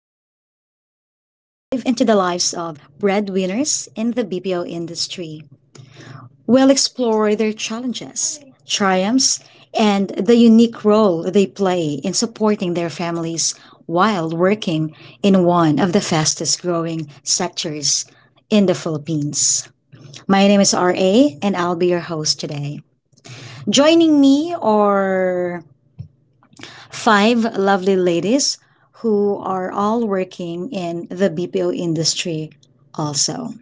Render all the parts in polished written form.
where we'll dive into the lives of breadwinners in the BPO industry. We'll explore their challenges, triumphs, and the unique role they play in supporting their families while working in one of the fastest growing sectors in the Philippines. My name is RA and I'll be your host today. Joining me are five lovely ladies who are all working in the BPO industry also.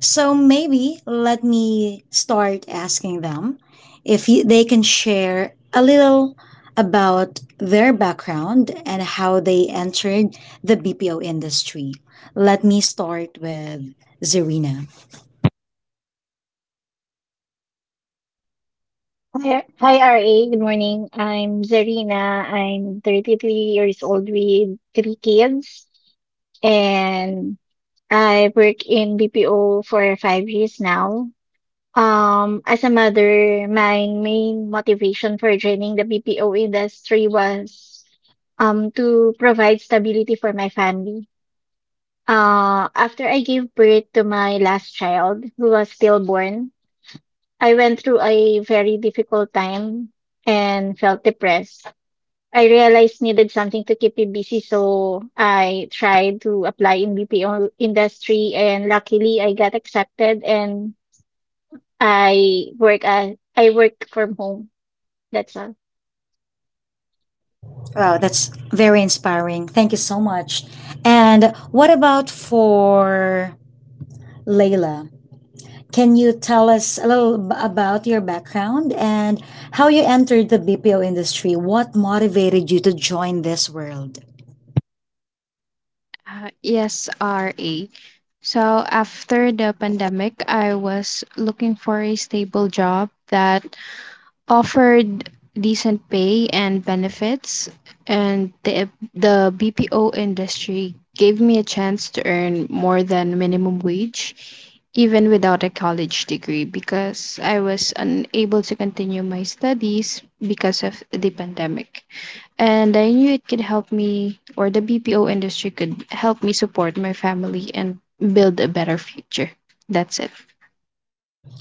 So maybe let me start asking them if they can share a little about their background and how they entered the BPO industry. Let me start with Zarina. Hi, hi, RA. Good morning. I'm Zarina. I'm 33 years old with three kids, and I work in BPO for 5 years now. As a mother, my main motivation for joining the BPO industry was to provide stability for my family. After I gave birth to my last child, who was stillborn, I went through a very difficult time and felt depressed. I realized needed something to keep me busy, so I tried to apply in BPO industry, and luckily I got accepted, and I work from home. That's all. Wow, that's very inspiring. Thank you so much. And what about for Layla? Can you tell us a little about your background and how you entered the BPO industry? What motivated you to join this world? Yes, RA. So after the pandemic, I was looking for a stable job that offered decent pay and benefits, and the BPO industry gave me a chance to earn more than minimum wage, even without a college degree, because I was unable to continue my studies because of the pandemic. And I knew it could help me, or the BPO industry could help me support my family and build a better future. That's it.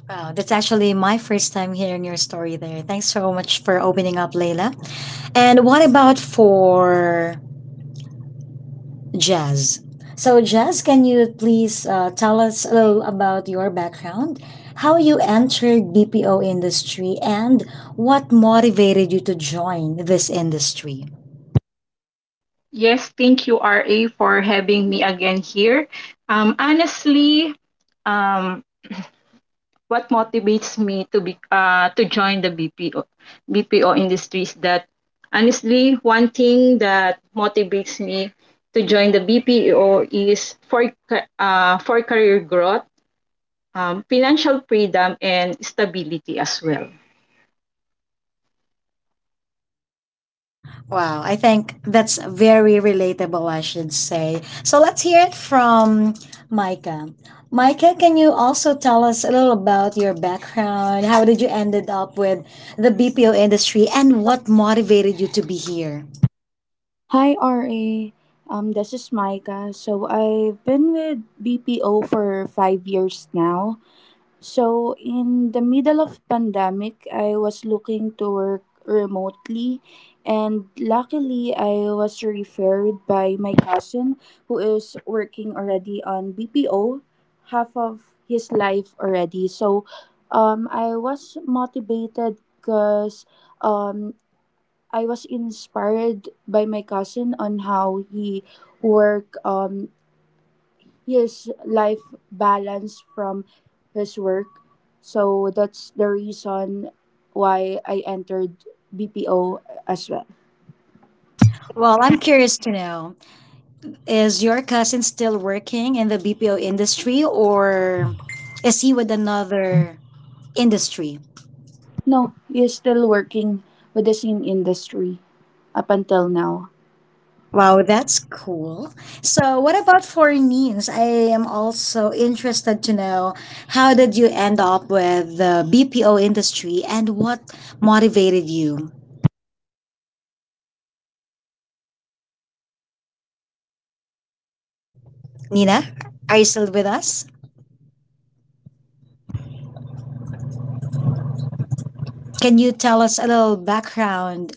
Wow, that's actually my first time hearing your story there. Thanks so much for opening up, Layla. And what about for Jazz? So, Jazz, can you please tell us a little about your background, how you entered BPO industry, and what motivated you to join this industry? Yes, thank you, R A, for having me again here. Honestly, um, what motivates me to be to join the BPO BPO industry is that, honestly, one thing that motivates me to join the BPO is for for career growth, financial freedom, and stability as well. Wow, I think that's very relatable, I should say. So let's hear it from Micah. Micah, can you also tell us a little about your background? How did you ended up with the BPO industry and what motivated you to be here? Hi RA, this is Micah. So I've been with BPO for 5 years now. So in the middle of pandemic, I was looking to work remotely, and luckily I was referred by my cousin who is working already on BPO, half of his life already. I was motivated because um. I was inspired by my cousin on how he work his life balance from his work. So that's the reason why I entered BPO as well. Well, I'm curious to know, is your cousin still working in the BPO industry or is he with another industry? No, he's still working with the same industry up until now. Wow, that's cool. So, what about for Nins? I am also interested to know how did you end up with the BPO industry and what motivated you? Nina, are you still with us? Can you tell us a little background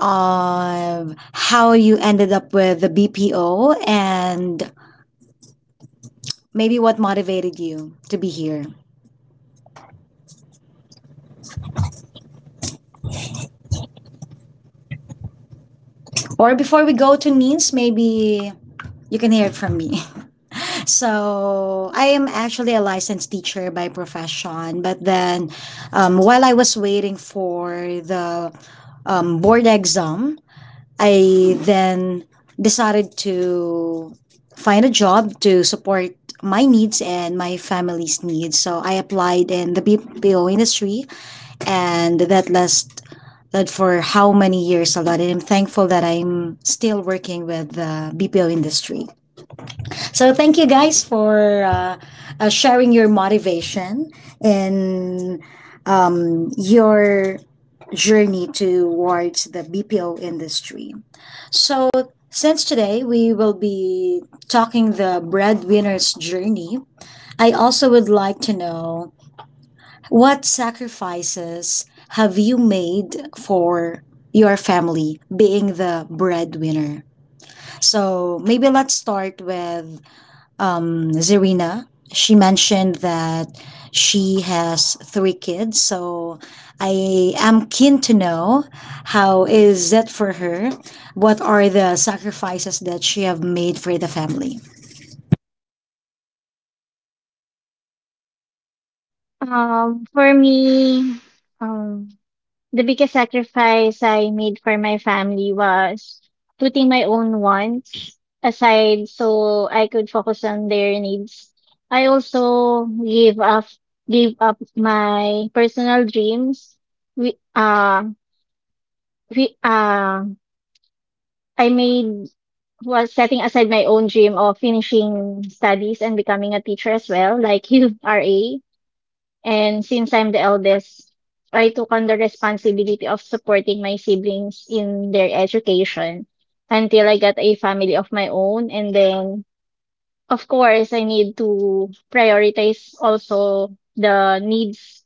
of how you ended up with the BPO and maybe what motivated you to be here? Or before we go to Nins, maybe you can hear it from me. So I am actually a licensed teacher by profession, but then while I was waiting for the board exam, I then decided to find a job to support my needs and my family's needs. So I applied in the BPO industry, and that last that for how many years a lot, and I'm thankful that I'm still working with the BPO industry. So thank you guys for sharing your motivation and your journey towards the BPO industry. So since today we will be talking the breadwinner's journey, I also would like to know what sacrifices have you made for your family being the breadwinner. So maybe let's start with Zarina. She mentioned that she has three kids, so I am keen to know how is that for her? What are the sacrifices that she have made for the family? For me, um, the biggest sacrifice I made for my family was putting my own wants aside so I could focus on their needs. I also gave up my personal dreams. We uh we I made was setting aside my own dream of finishing studies and becoming a teacher as well, like you are a And since I'm the eldest, I took on the responsibility of supporting my siblings in their education until I got a family of my own. And then, of course, I need to prioritize also the needs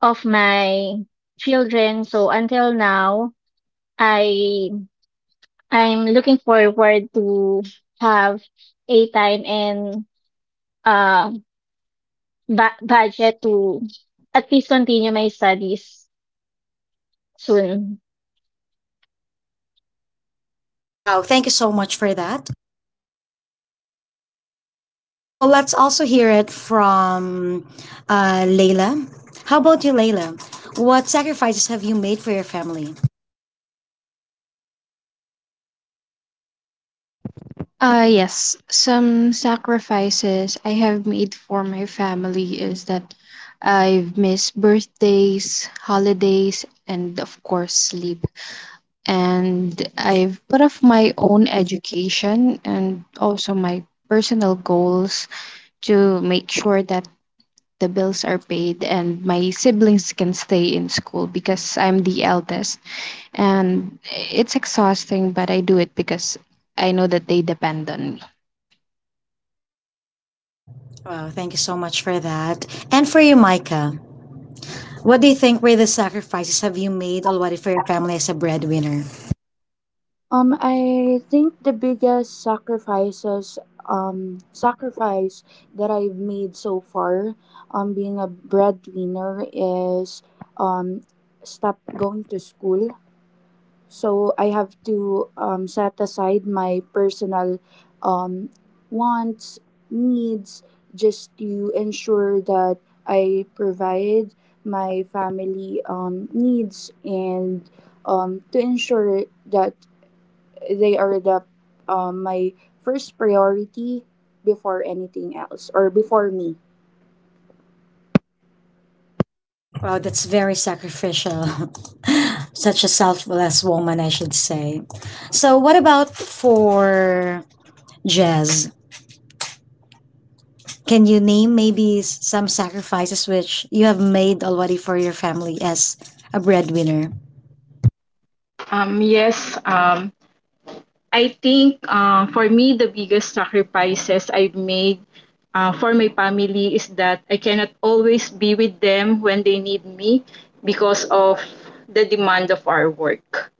of my children. So until now, I I'm looking forward to have a time and uh budget to at least continue my studies soon. Wow, thank you so much for that. So let's also hear it from Layla. How about you, Layla? What sacrifices have you made for your family? Yes, some sacrifices I have made for my family is that I've missed birthdays, holidays, and of course, sleep. And I've put off my own education and also my personal goals to make sure that the bills are paid and my siblings can stay in school because I'm the eldest. And it's exhausting, but I do it because I know that they depend on me. Wow, thank you so much for that. And for you, Micah, what do you think were the sacrifices have you made already for your family as a breadwinner? I think the biggest sacrifices, sacrifice that I've made so far, being a breadwinner is, um, stop going to school. So I have to set aside my personal, um, wants, needs, just to ensure that I provide my family needs and to ensure that they are the my first priority before anything else or before me. Wow, that's very sacrificial. Such a selfless woman, I should say. So, what about for Jazz? Can you name maybe some sacrifices which you have made already for your family as a breadwinner? Um, yes, um, I think for me, the biggest sacrifices I've made for my family is that I cannot always be with them when they need me because of the demand of our work.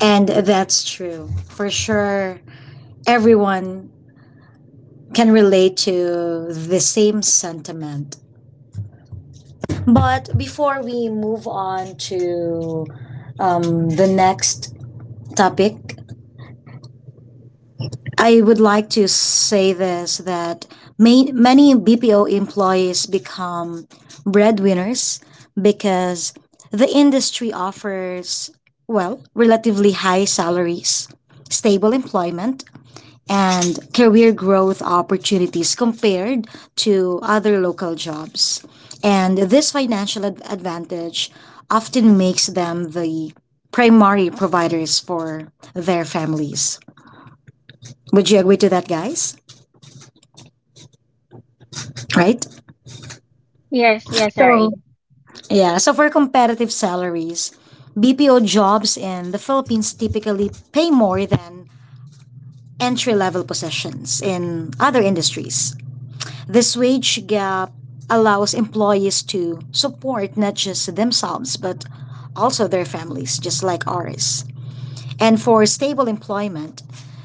And that's true. For sure, everyone can relate to the same sentiment. But before we move on to the next topic, I would like to say this that many BPO employees become breadwinners because the industry offers, well, relatively high salaries, stable employment, and career growth opportunities compared to other local jobs. And this financial advantage often makes them the primary providers for their families. Would you agree to that, guys? Right? Yes, yes, So, RA. yeah, so for competitive salaries, BPO jobs in the Philippines typically pay more than entry level positions in other industries. This wage gap allows employees to support not just themselves but also their families, just like ours. And for stable employment,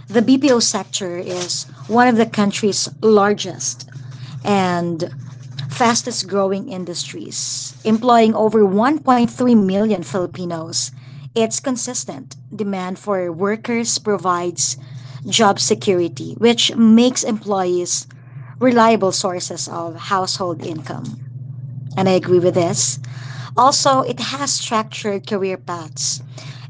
the BPO sector is one of the country's largest and fastest growing industries, employing over 1.3 million Filipinos. Its consistent demand for workers provides job security, which makes employees reliable sources of household income. And I agree with this. Also, it has structured career paths,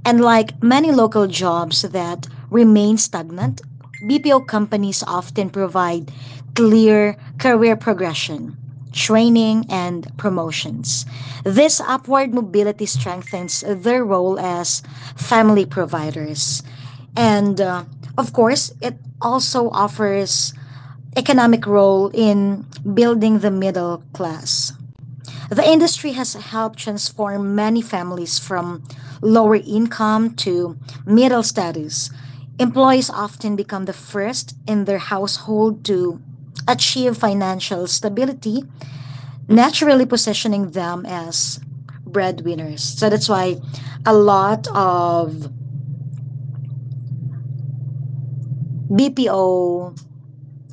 and like many local jobs that remain stagnant, BPO companies often provide clear career progression, training, and promotions. This upward mobility strengthens their role as family providers. And of course, it also offers economic role in building the middle class. The industry has helped transform many families from lower income to middle status. Employees often become the first in their household to achieve financial stability, naturally positioning them as breadwinners. So that's why a lot of BPO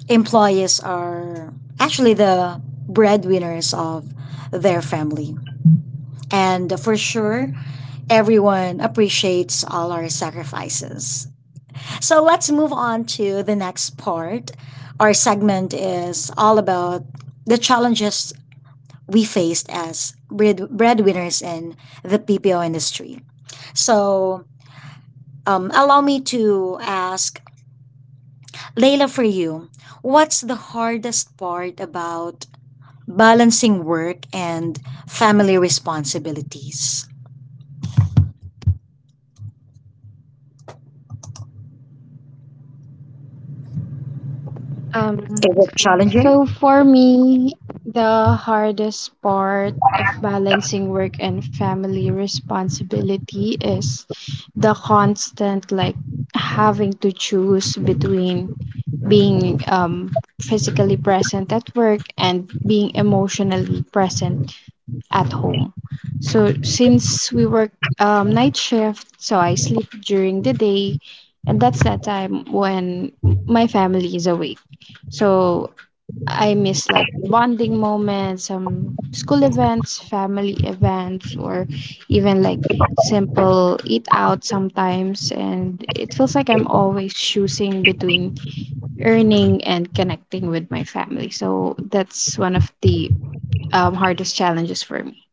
employees are actually the breadwinners of their family. And for sure, everyone appreciates all our sacrifices. So let's move on to the next part. Our segment is all about the challenges we faced as breadwinners in the PPO industry. So, allow me to ask Layla, for you what's the hardest part about balancing work and family responsibilities? Um, Is it challenging? so for me, the hardest part of balancing work and family responsibility is the constant, like, having to choose between being physically present at work and being emotionally present at home. So since we work night shift, so I sleep during the day, and that's that time when my family is awake. So I miss, like, bonding moments, some school events, family events, or even like simple eat out sometimes. And it feels like I'm always choosing between earning and connecting with my family. So that's one of the hardest challenges for me.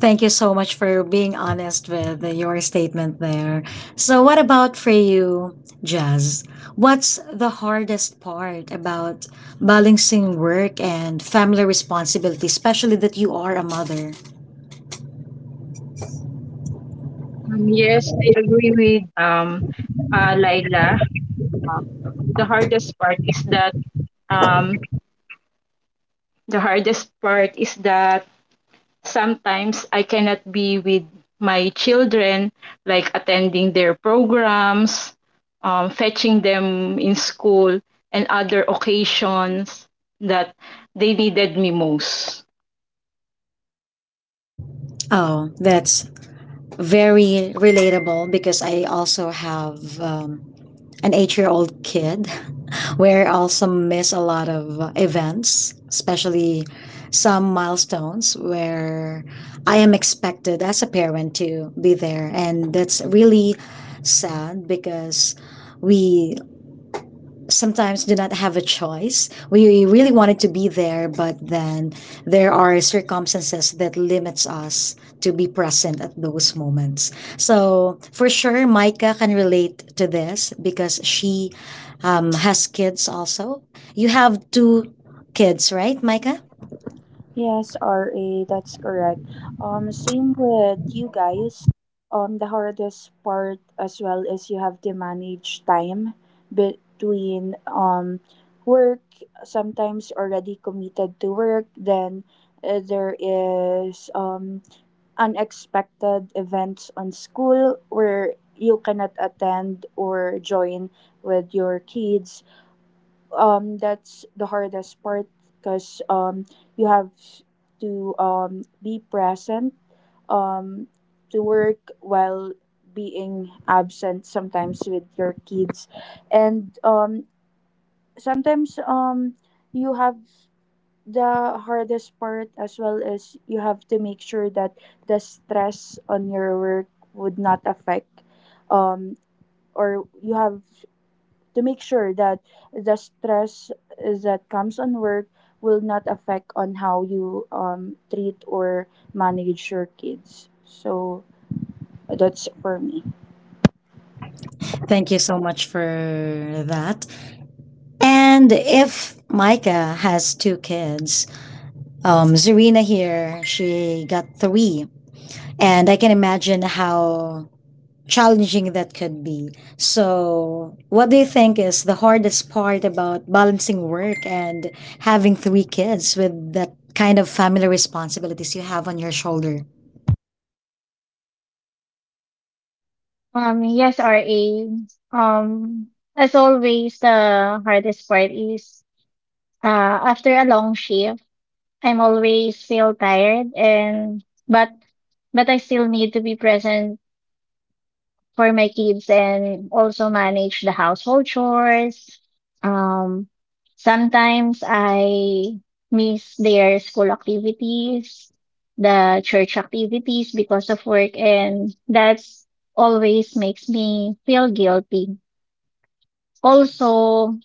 Thank you so much for being honest with your statement there. So, what about for you, Jazz? What's the hardest part about balancing work and family responsibility, especially that you are a mother? Yes, I agree with Laila. The hardest part is that um, the hardest part is that sometimes I cannot be with my children, like attending their programs, fetching them in school, and other occasions that they needed me most. Oh, that's very relatable because I also have an 8 year old kid where I also miss a lot of events, especially some milestones where I am expected as a parent to be there. And that's really sad because we sometimes do not have a choice. We really wanted to be there, but then there are circumstances that limits us to be present at those moments. So for sure, Micah can relate to this because she has kids also. You have two kids, right, Micah? Yes, RA, that's correct. Same with you guys. The hardest part as well is you have to manage time between work. Sometimes already committed to work, then there is unexpected events on school where you cannot attend or join with your kids. That's the hardest part because you have to be present um, to work while being absent sometimes with your kids. And sometimes you have the hardest part as well is you have to make sure that the stress on your work would not affect um or you have to make sure that the stress that comes on work will not affect on how you treat or manage your kids. So that's for me. Thank you so much for that. And if Micah has two kids, Zarina here, she got three, and I can imagine how challenging that could be. So, what do you think is the hardest part about balancing work and having three kids with that kind of family responsibilities you have on your shoulder? Yes, R A. Um, as always, the hardest part is uh, after a long shift, I'm always feel tired, and but I still need to be present for my kids and also manage the household chores. Um, Sometimes I miss their school activities, the church activities because of work, and that's always makes me feel guilty. Also,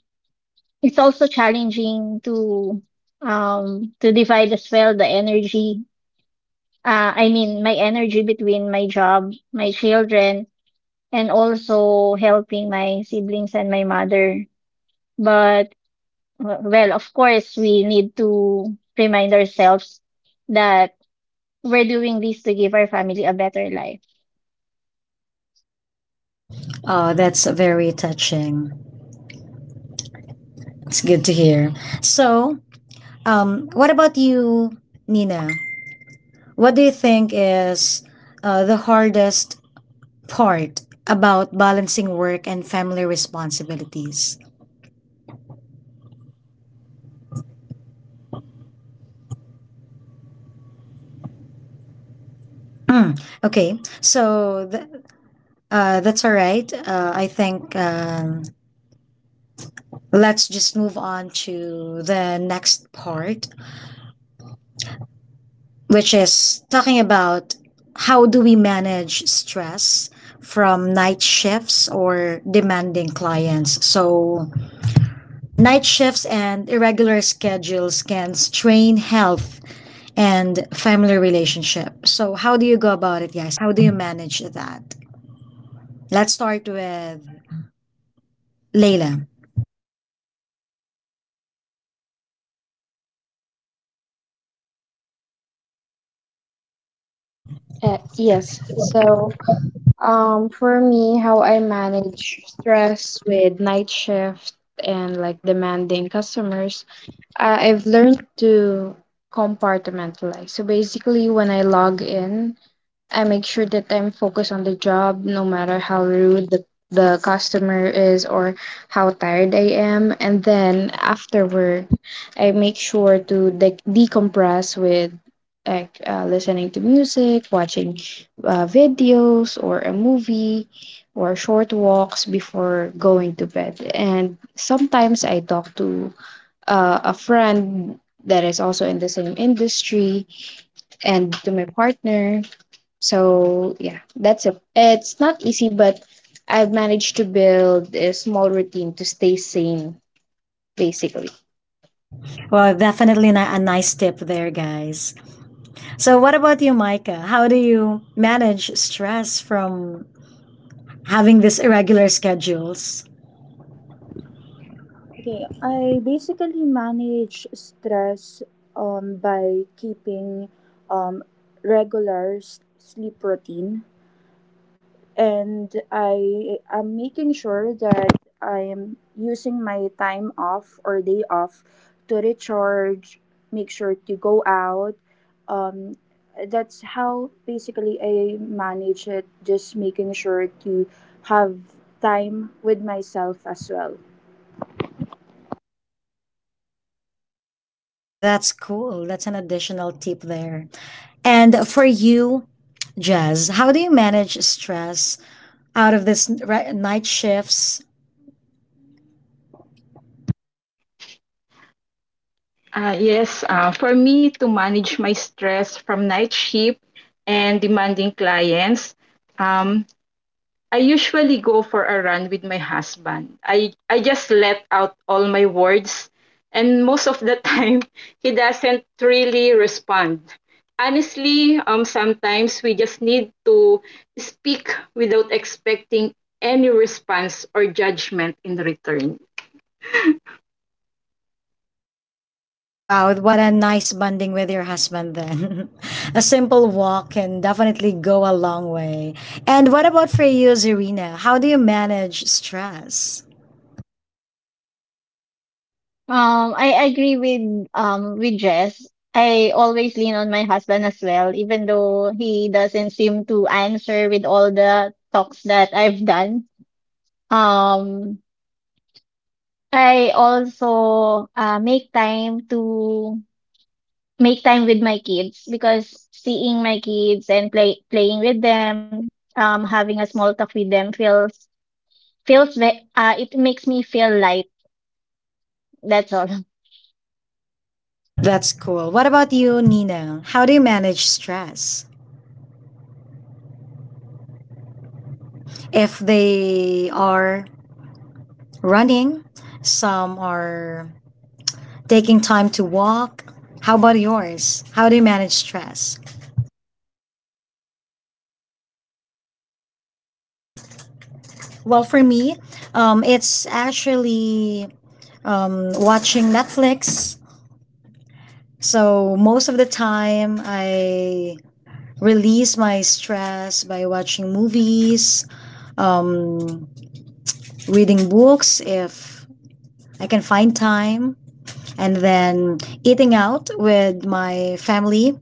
it's also challenging to to divide as well the energy I mean my energy between my job, my children, and also helping my siblings and my mother. But well, of course, we need to remind ourselves that we're doing this to give our family a better life. Oh, that's very touching. It's good to hear. So, what about you, Nina? What do you think is the hardest part about balancing work and family responsibilities? Hmm. Okay. So that's all right. I think let's just move on to the next part, which is talking about how do we manage stress from night shifts or demanding clients. So, night shifts and irregular schedules can strain health and family relationship. So, how do you go about it, guys? How do you manage that? Let's start with Layla. Yes. So, for me, how I manage stress with night shift and like demanding customers, I've learned to compartmentalize. So basically, when I log in, I make sure that I'm focused on the job, no matter how rude the customer is or how tired I am. And then after work, I make sure to decompress with like listening to music, watching videos or a movie or short walks before going to bed. And sometimes I talk to a friend that is also in the same industry and to my partner, so yeah, that's it. It's not easy, but I've managed to build a small routine to stay sane, basically. Well, definitely not a nice tip there, guys. So, what about you, Micah? How do you manage stress from having these irregular schedules? Okay, I basically manage stress by keeping um regular sleep routine, and I am making sure that I am using my time off or day off to recharge, make sure to go out. Um, that's how basically I manage it, just making sure to have time with myself as well. That's cool. That's an additional tip there. And for you, Jazz, how do you manage stress out of this night shifts? Yes, for me to manage my stress from night shift and demanding clients, um, I usually go for a run with my husband. I just let out all my words, and most of the time he doesn't really respond. Honestly, sometimes we just need to speak without expecting any response or judgment in return. Wow, what a nice bonding with your husband then. A simple walk can definitely go a long way. And what about for you, Zarina? How do you manage stress? I agree with with Jess. I always lean on my husband as well, even though he doesn't seem to answer with all the talks that I've done. Um, I also make time with my kids because seeing my kids and playing with them, having a small talk with them it makes me feel light. That's all. That's cool. What about you, Nina? How do you manage stress? If they are running, some are taking time to walk. How about yours? How do you manage stress? Well, for me, it's actually watching Netflix. So most of the time, I release my stress by watching movies, um, reading books if I can find time, and then eating out with my family,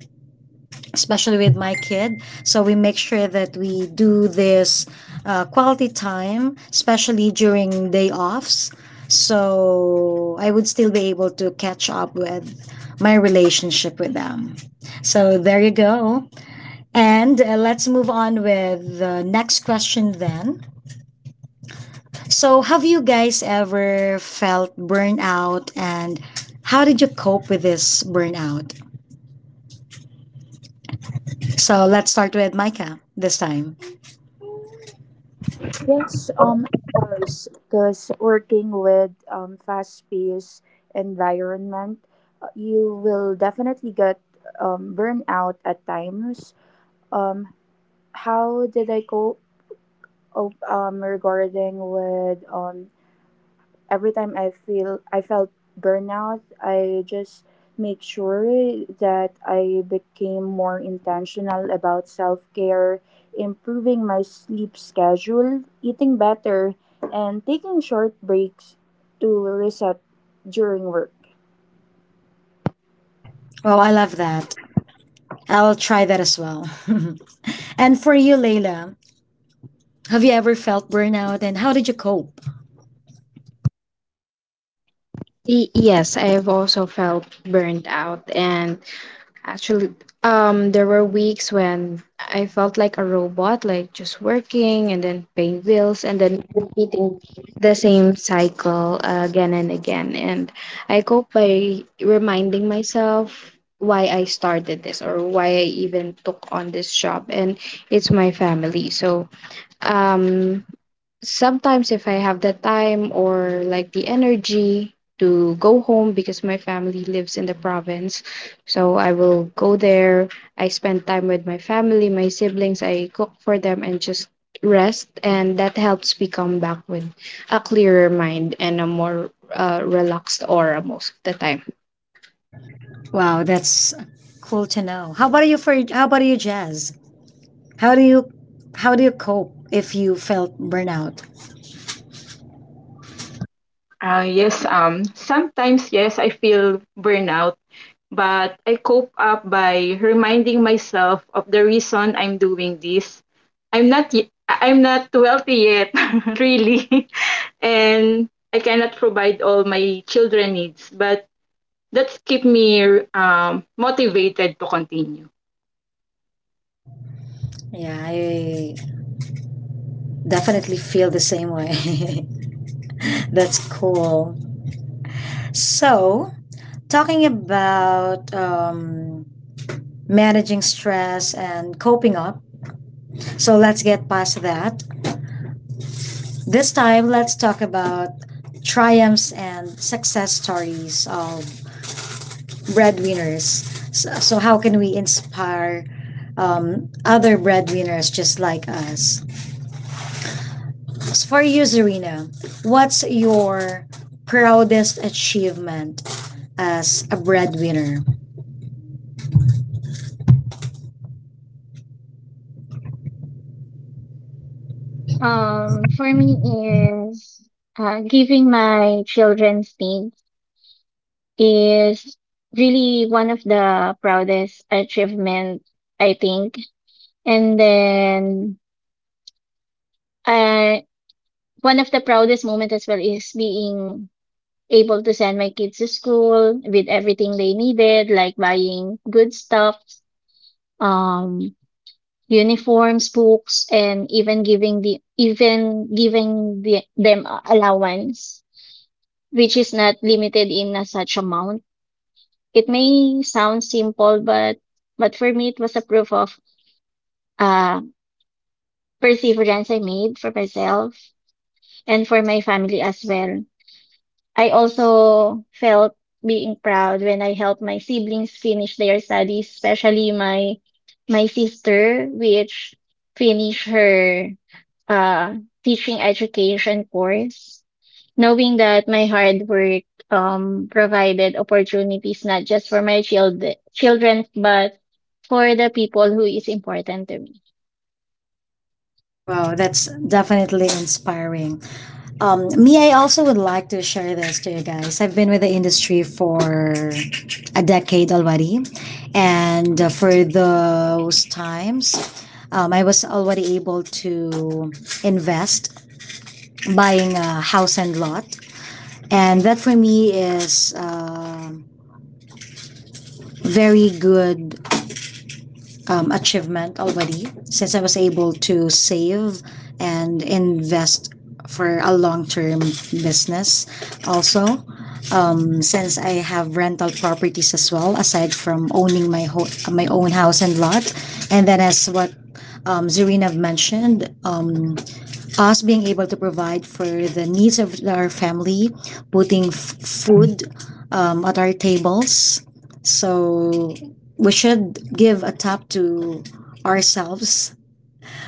especially with my kid. So we make sure that we do this quality time, especially during day offs. So I would still be able to catch up with my relationship with them. So there you go. And let's move on with the next question then. So, have you guys ever felt burnout and how did you cope with this burnout? So, let's start with Micah this time. Yes, of course, because working with fast paced environment, you will definitely get burnout at times. um how did I regarding with every time I feel I felt burnout, I just make sure that I became more intentional about self-care, improving my sleep schedule, eating better, and taking short breaks to reset during work. Oh, I love that. I'll try that as well. And for you, Layla, have you ever felt burnout and how did you cope? Yes, I've also felt burned out. And actually, there were weeks when I felt like a robot, like just working and then paying bills and then repeating the same cycle again and again. And I cope by reminding myself why I started this or why I even took on this job, and it's my family. So, um, sometimes if I have the time or like the energy to go home, because my family lives in the province, so I will go there. I spend time with my family, my siblings, I cook for them and just rest, and that helps me come back with a clearer mind and a more relaxed aura most of the time. Wow, that's cool to know. How about you, Jazz? How do you how do you cope if you felt burnout? Yes, sometimes, yes, I feel burnout, but I cope up by reminding myself of the reason I'm doing this. I'm not wealthy yet, really, and I cannot provide all my children needs, but that's keep me motivated to continue. Yeah, I definitely feel the same way. That's cool. So, talking about managing stress and coping up, so let's get past that. This time, let's talk about triumphs and success stories of breadwinners. So, so how can we inspire other breadwinners just like us. So for you, Zarina, what's your proudest achievement as a breadwinner? For me is giving my children's needs is really one of the proudest achievement I think. And then uh, one of the proudest moment as well is being able to send my kids to school with everything they needed, like buying good stuff, um, uniforms, books, and them allowance, which is not limited in a such amount. It may sound simple, but for me, it was a proof of uh perseverance I made for myself and for my family as well. I also felt being proud when I helped my siblings finish their studies, especially my sister, which finished her uh, teaching education course, knowing that my hard work provided opportunities not just for my children, but for the people who is important to me. Wow, that's definitely inspiring. Me, I also would like to share this to you guys. I've been with the industry for a decade already, and for those times, I was already able to invest buying a house and lot, and that for me is um, very good achievement already since I was able to save and invest for a long term business. Also, since I have rental properties as well, aside from owning my my own house and lot, and then as what Zarina mentioned, us being able to provide for the needs of our family, putting food at our tables. So we should give a tap to ourselves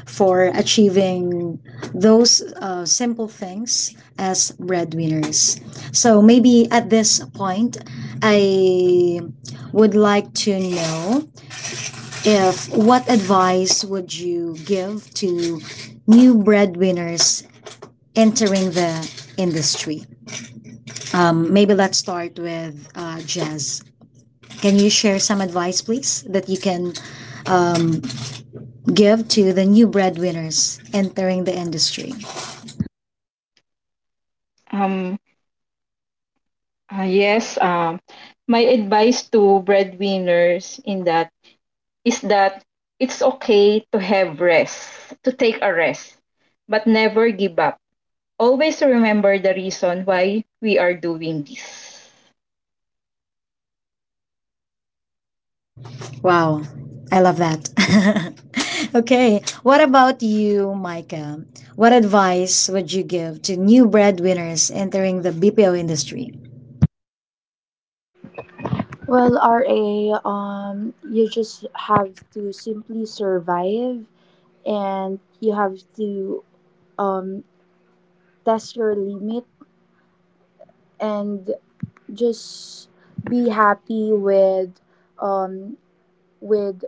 for achieving those simple things as breadwinners. So maybe at this point, I would like to know if what advice would you give to new breadwinners entering the industry. Maybe let's start with Jazz. Can you share some advice, please, that you can um, give to the new breadwinners entering the industry? Um, yes, my advice to breadwinners in that is that it's okay to have rest, to take a rest, but never give up. Always remember the reason why we are doing this. Wow, I love that. Okay, what about you, Micah? What advice would you give to new breadwinners entering the BPO industry? Well, RA, you just have to simply survive, and you have to um, test your limit and just be happy um, with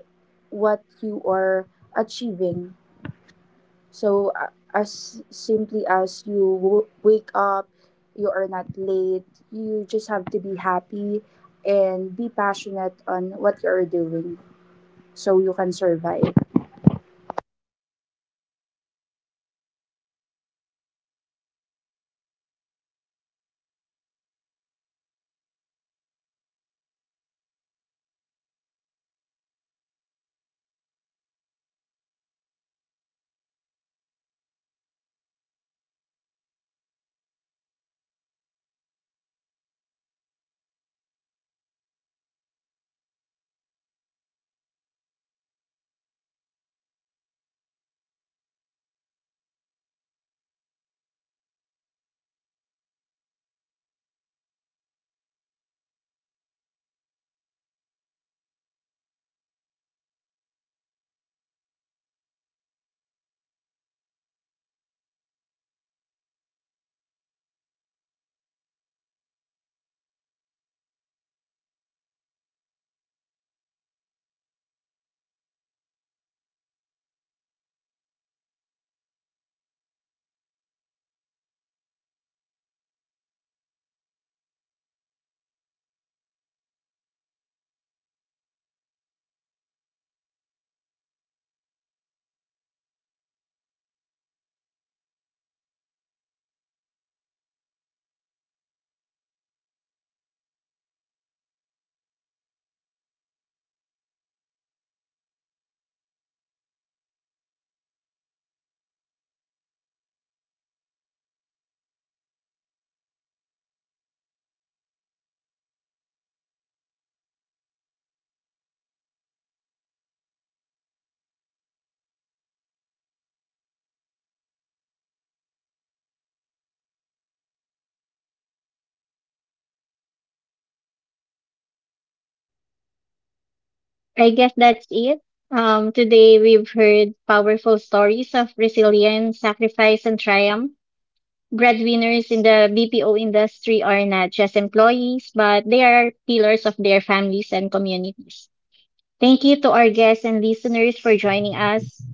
what you are achieving. So as simply as you wake up, you are not late, you just have to be happy and be passionate on what you are doing so you can survive. I guess that's it. Today we've heard powerful stories of resilience, sacrifice, and triumph breadwinners in the BPO industry are not just employees, but they are pillars of their families and communities. Thank you to our guests and listeners for joining us.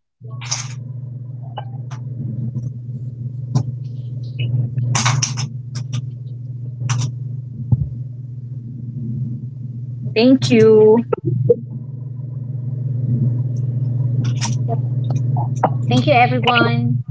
Thank you. Thank you, everyone.